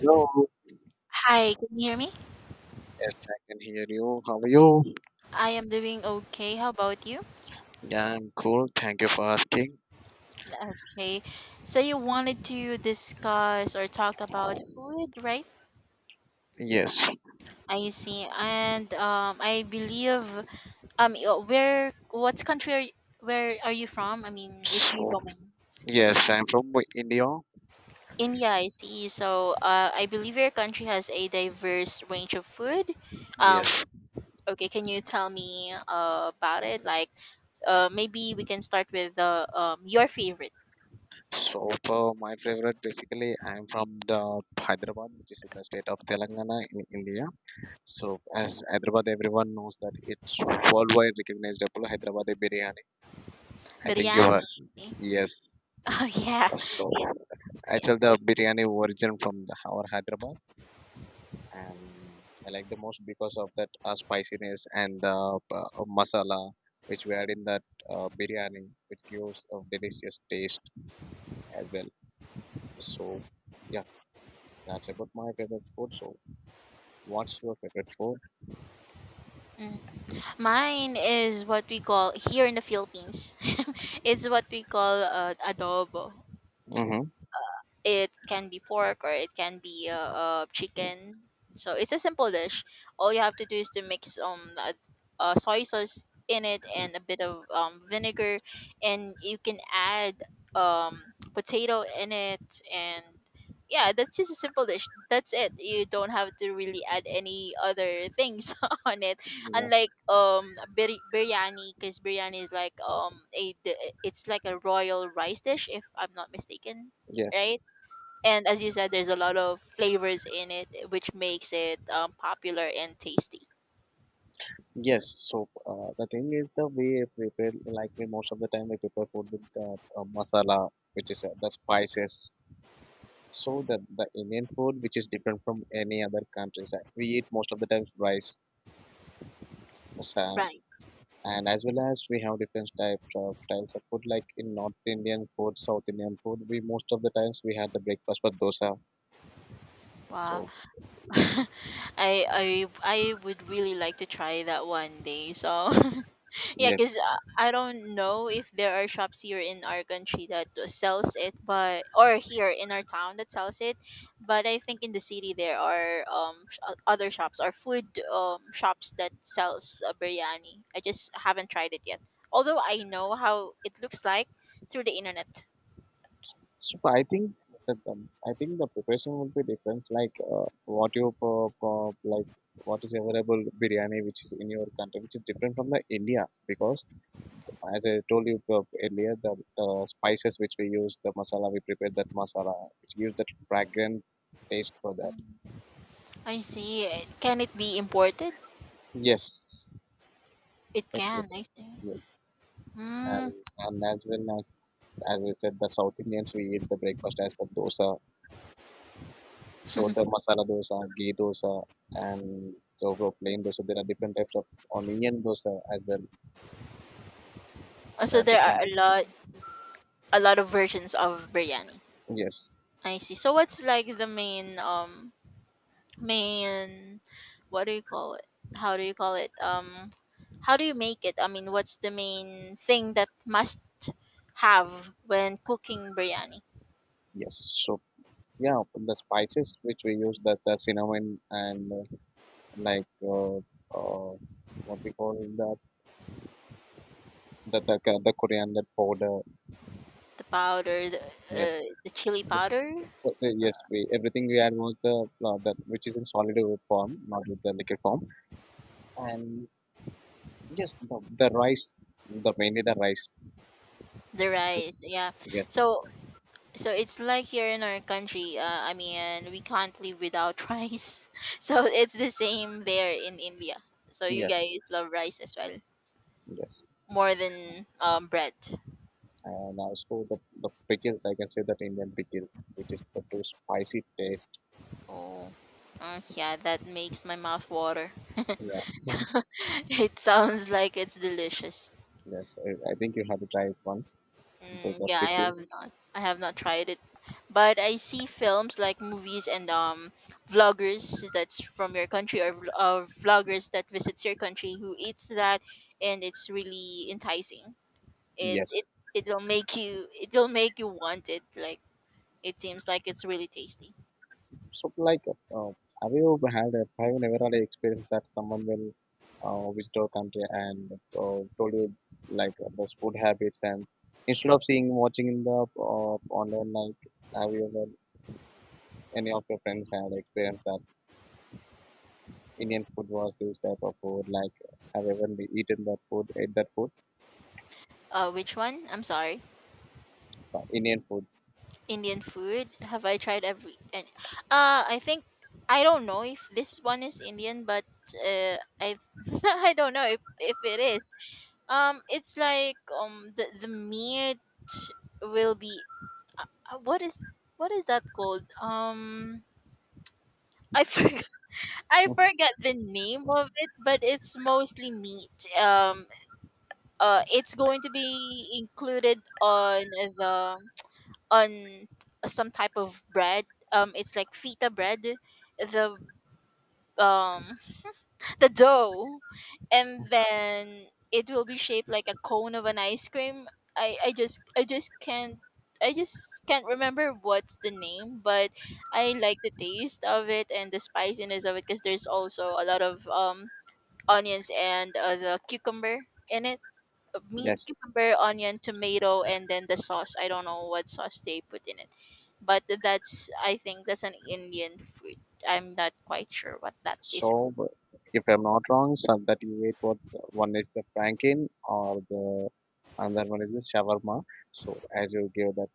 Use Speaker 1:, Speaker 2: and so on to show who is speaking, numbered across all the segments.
Speaker 1: Hello.
Speaker 2: Hi, can you hear me?
Speaker 1: Yes, I can hear you. How are you?
Speaker 2: I am doing okay. How about you?
Speaker 1: Yeah, I'm cool. Thank you for asking.
Speaker 2: Okay. So you wanted to discuss or talk about food, right?
Speaker 1: Yes.
Speaker 2: I see. And I believe y- where what country are you, where are you from? I mean, if you
Speaker 1: So,
Speaker 2: don't mind asking.
Speaker 1: yes, I'm from India.
Speaker 2: India, I see. I believe your country has a diverse range of food. Um,
Speaker 1: Yes.
Speaker 2: okay, can you tell me about it? Like, Maybe we can start with your favorite.
Speaker 1: So, for my favorite, basically, I'm from the Hyderabad, which is in the state of Telangana in India. So, as Hyderabad, everyone knows that it's worldwide recognized. Apollo Hyderabad biryani. I think you are.
Speaker 2: Biryani.
Speaker 1: Yes.
Speaker 2: Oh yeah,
Speaker 1: So,
Speaker 2: yeah, yeah.
Speaker 1: actually, the biryani origin from the, our Hyderabad. And I like the most because of that spiciness and the masala which we add in that biryani, which gives a delicious taste as well. So, yeah, that's about my favorite food. So, what's your favorite food?
Speaker 2: Mm. Mine is what we call here in the Philippines. It's what we call adobo.
Speaker 1: Mm-hmm.
Speaker 2: It can be pork or it can be chicken. So it's a simple dish. All you have to do is to mix soy sauce in it and a bit of vinegar, and you can add um potato in it, and yeah, that's just a simple dish. That's it. You don't have to really add any other things on it.
Speaker 1: Yeah.
Speaker 2: Unlike biryani, because biryani is like it's like a royal rice dish, if I'm not mistaken,
Speaker 1: Yes.
Speaker 2: right? And as you said, there's a lot of flavors in it, which makes it popular and tasty.
Speaker 1: Yes. So the thing is the way we prepare, like we most of the time we prepare food with the masala, which is the spices. So the Indian food, which is different from any other countries, we eat most of the times rice Assam,
Speaker 2: Right.
Speaker 1: and as well as we have different types of food. Like in North Indian food, South Indian food, we most of the times we had the breakfast with dosa.
Speaker 2: Wow,
Speaker 1: So
Speaker 2: I I would really like to try that one day. So, yeah,
Speaker 1: yes,
Speaker 2: because I don't know if there are shops here in our country that sells it, but or here in our town that sells it. But I think in the city there are other shops or food shops that sells biryani. I just haven't tried it yet. Although I know how it looks like through the internet.
Speaker 1: so I think that I think the preparation will be different. Like what you like what is available biryani which is in your country which is different from the India because as I told you earlier the spices which we use the masala we prepare that masala which gives that fragrant taste for that.
Speaker 2: Mm. I see.
Speaker 1: So,
Speaker 2: Can it be imported?
Speaker 1: yes.
Speaker 2: It
Speaker 1: It's,
Speaker 2: can. I see.
Speaker 1: yes,
Speaker 2: Mm.
Speaker 1: and and as well as I said, the South Indians we eat the breakfast as per dosa. So the masala dosa, ghee dosa, and so for plain dosa. There are different types of onion dosa as well.
Speaker 2: So
Speaker 1: There
Speaker 2: there are
Speaker 1: different
Speaker 2: a lot of versions of biryani.
Speaker 1: yes,
Speaker 2: I see. So what's like the main what do you call it, how do you call it, how do you make it? I mean, what's the main thing that must have when cooking biryani?
Speaker 1: yes. So yeah, the spices which we use, that the cinnamon and like uh, uh, what we call that the coriander powder.
Speaker 2: The powder,
Speaker 1: Yes,
Speaker 2: the chili
Speaker 1: yes.
Speaker 2: powder.
Speaker 1: So yes, we everything we add was the flour that which is in solid form, not with the liquid form. And yes, the rice, the mainly the rice.
Speaker 2: The rice, yeah.
Speaker 1: Yes,
Speaker 2: So so it's like here in our country, I mean, we can't live without rice. So it's the same there in India. So you
Speaker 1: yes,
Speaker 2: guys love rice as well,
Speaker 1: yes.
Speaker 2: more than bread.
Speaker 1: And also the pickles, I can say that Indian pickles, which is the too spicy taste.
Speaker 2: Oh, yeah, that makes my mouth water.
Speaker 1: Yeah.
Speaker 2: So it sounds like it's delicious.
Speaker 1: Yes, I think you have to try it once.
Speaker 2: Mm,
Speaker 1: The
Speaker 2: yeah, I have
Speaker 1: pickles.
Speaker 2: not. I have not tried it, but I see films like movies and vloggers that's from your country, or vloggers that visits your country who eats that, and it's really enticing. It
Speaker 1: Yes,
Speaker 2: it It'll make you, it'll make you want it. Like, it seems like it's really tasty.
Speaker 1: so, like, uh, have you had a, have you never had an experience that someone will visit our country and told you like those food habits and instead of seeing watching in the online, like, have you ever any of your friends had experience that Indian food was this type of food? Like, have you ever eaten that food, ate that food,
Speaker 2: Which one? I'm sorry.
Speaker 1: Indian food?
Speaker 2: Indian food. Have I tried? Every and uh I think I don't know if this one is Indian, but I I don't know if it is. It's like the meat will be uh, what is what is that called? I forgot the name of it, but it's mostly meat. It's going to be included on the on some type of bread. It's like fita bread, the um the dough, and then it will be shaped like a cone of an ice cream. I just can't. I just can't remember what's the name, but I like the taste of it and the spiciness of it because there's also a lot of onions and the cucumber in it, meat,
Speaker 1: Yes.
Speaker 2: cucumber, onion, tomato, and then the sauce. I don't know what sauce they put in it, but that's, I think that's an Indian food. I'm not quite sure what that is called.
Speaker 1: So, but if I'm not wrong, so that you ate what one is the franken or the another one is the shawarma. So as you gave that,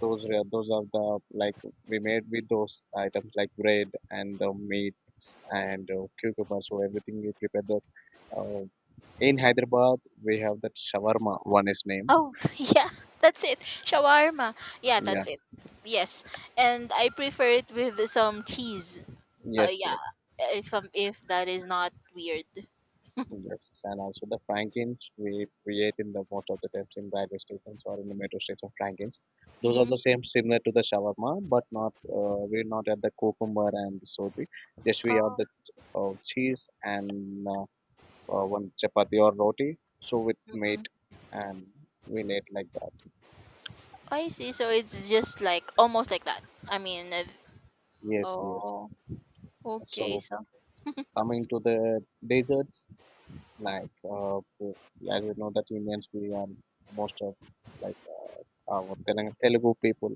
Speaker 1: those are the like we made with those items like bread and the meats and cucumber. So everything we prepared that. Uh, in Hyderabad, we have that shawarma. One is name.
Speaker 2: Oh yeah, that's it. Shawarma. Yeah,
Speaker 1: Yeah.
Speaker 2: that's it. Yes, and I prefer it with some cheese.
Speaker 1: Yes. Yes.
Speaker 2: Yeah, if that is not weird.
Speaker 1: Yes, and also the Frankins we create in the most of the times in railway stations or in the metro stations. Frankins, those are
Speaker 2: Mm,
Speaker 1: the same similar to the shawarma, but not we not add the cucumber and soti. Just we
Speaker 2: oh,
Speaker 1: add the cheese and one chapati or roti. So with
Speaker 2: mm-mm.
Speaker 1: meat and we eat like that.
Speaker 2: I see. So it's just like almost like that. I mean,
Speaker 1: Yes, yes.
Speaker 2: oh,
Speaker 1: So
Speaker 2: okay. So
Speaker 1: coming to the desserts, like as we know that Indians we are most of like our Telugu people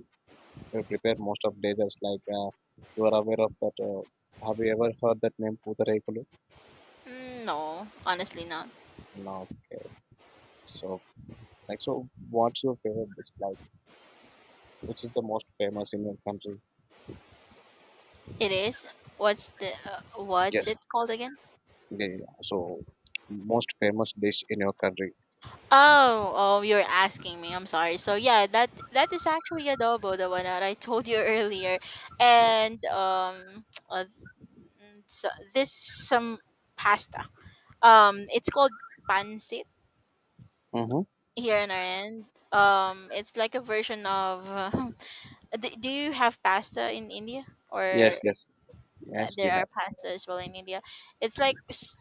Speaker 1: prepare most of desserts. Like you are aware of that. Have you ever heard that name Putharaikulu?
Speaker 2: mm, no, honestly not.
Speaker 1: No. Okay. So like so, what's your favorite dish? Like which is the most famous in your country?
Speaker 2: It is. What's the what's
Speaker 1: Yes.
Speaker 2: it called again?
Speaker 1: Yeah. Yeah, yeah. So most famous dish in your country.
Speaker 2: Oh, oh, you're asking me. I'm sorry. So yeah, that that is actually adobo, the one that I told you earlier, and uh, mm, so this some pasta. It's called pancit
Speaker 1: Mm-hmm.
Speaker 2: here in our end. It's like a version of. Do you have pasta in India or
Speaker 1: Yes.
Speaker 2: th-
Speaker 1: Yes. Yes.
Speaker 2: there
Speaker 1: We
Speaker 2: are pasta as well in India? It's like s-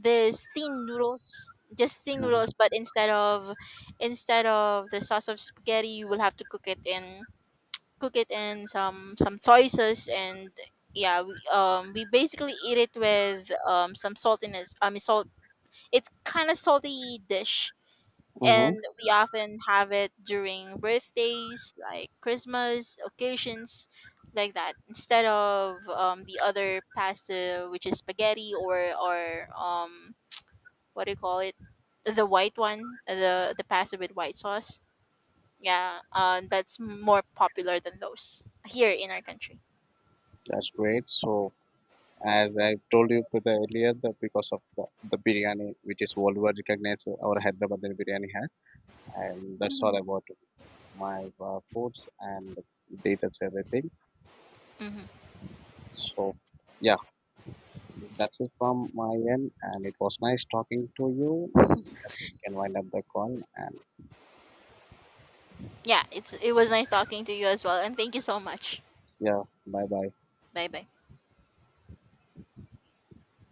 Speaker 2: There's thin noodles, just thin
Speaker 1: have.
Speaker 2: noodles, but instead of the sauce of spaghetti, you will have to cook it in some soy sauce, and yeah, we basically eat it with some saltiness, I mean salt. It's kind of salty dish,
Speaker 1: Mm-hmm.
Speaker 2: and we often have it during birthdays, like Christmas occasions, like that, instead of the other pasta which is spaghetti, or what do you call it, the white one, the pasta with white sauce. Yeah, that's more popular than those here in our country.
Speaker 1: That's great. So, as I told you to the earlier, that because of the biryani, which is worldwide recognized, our Hyderabad biryani has, and that's all about. My course and they everything.
Speaker 2: Hmm.
Speaker 1: So yeah, that's it from my end, and it was nice talking to you. Yes, we can wind up the call and
Speaker 2: Yeah, it's, it was nice talking to you as well, and thank you so much.
Speaker 1: yeah, bye bye.
Speaker 2: Bye bye.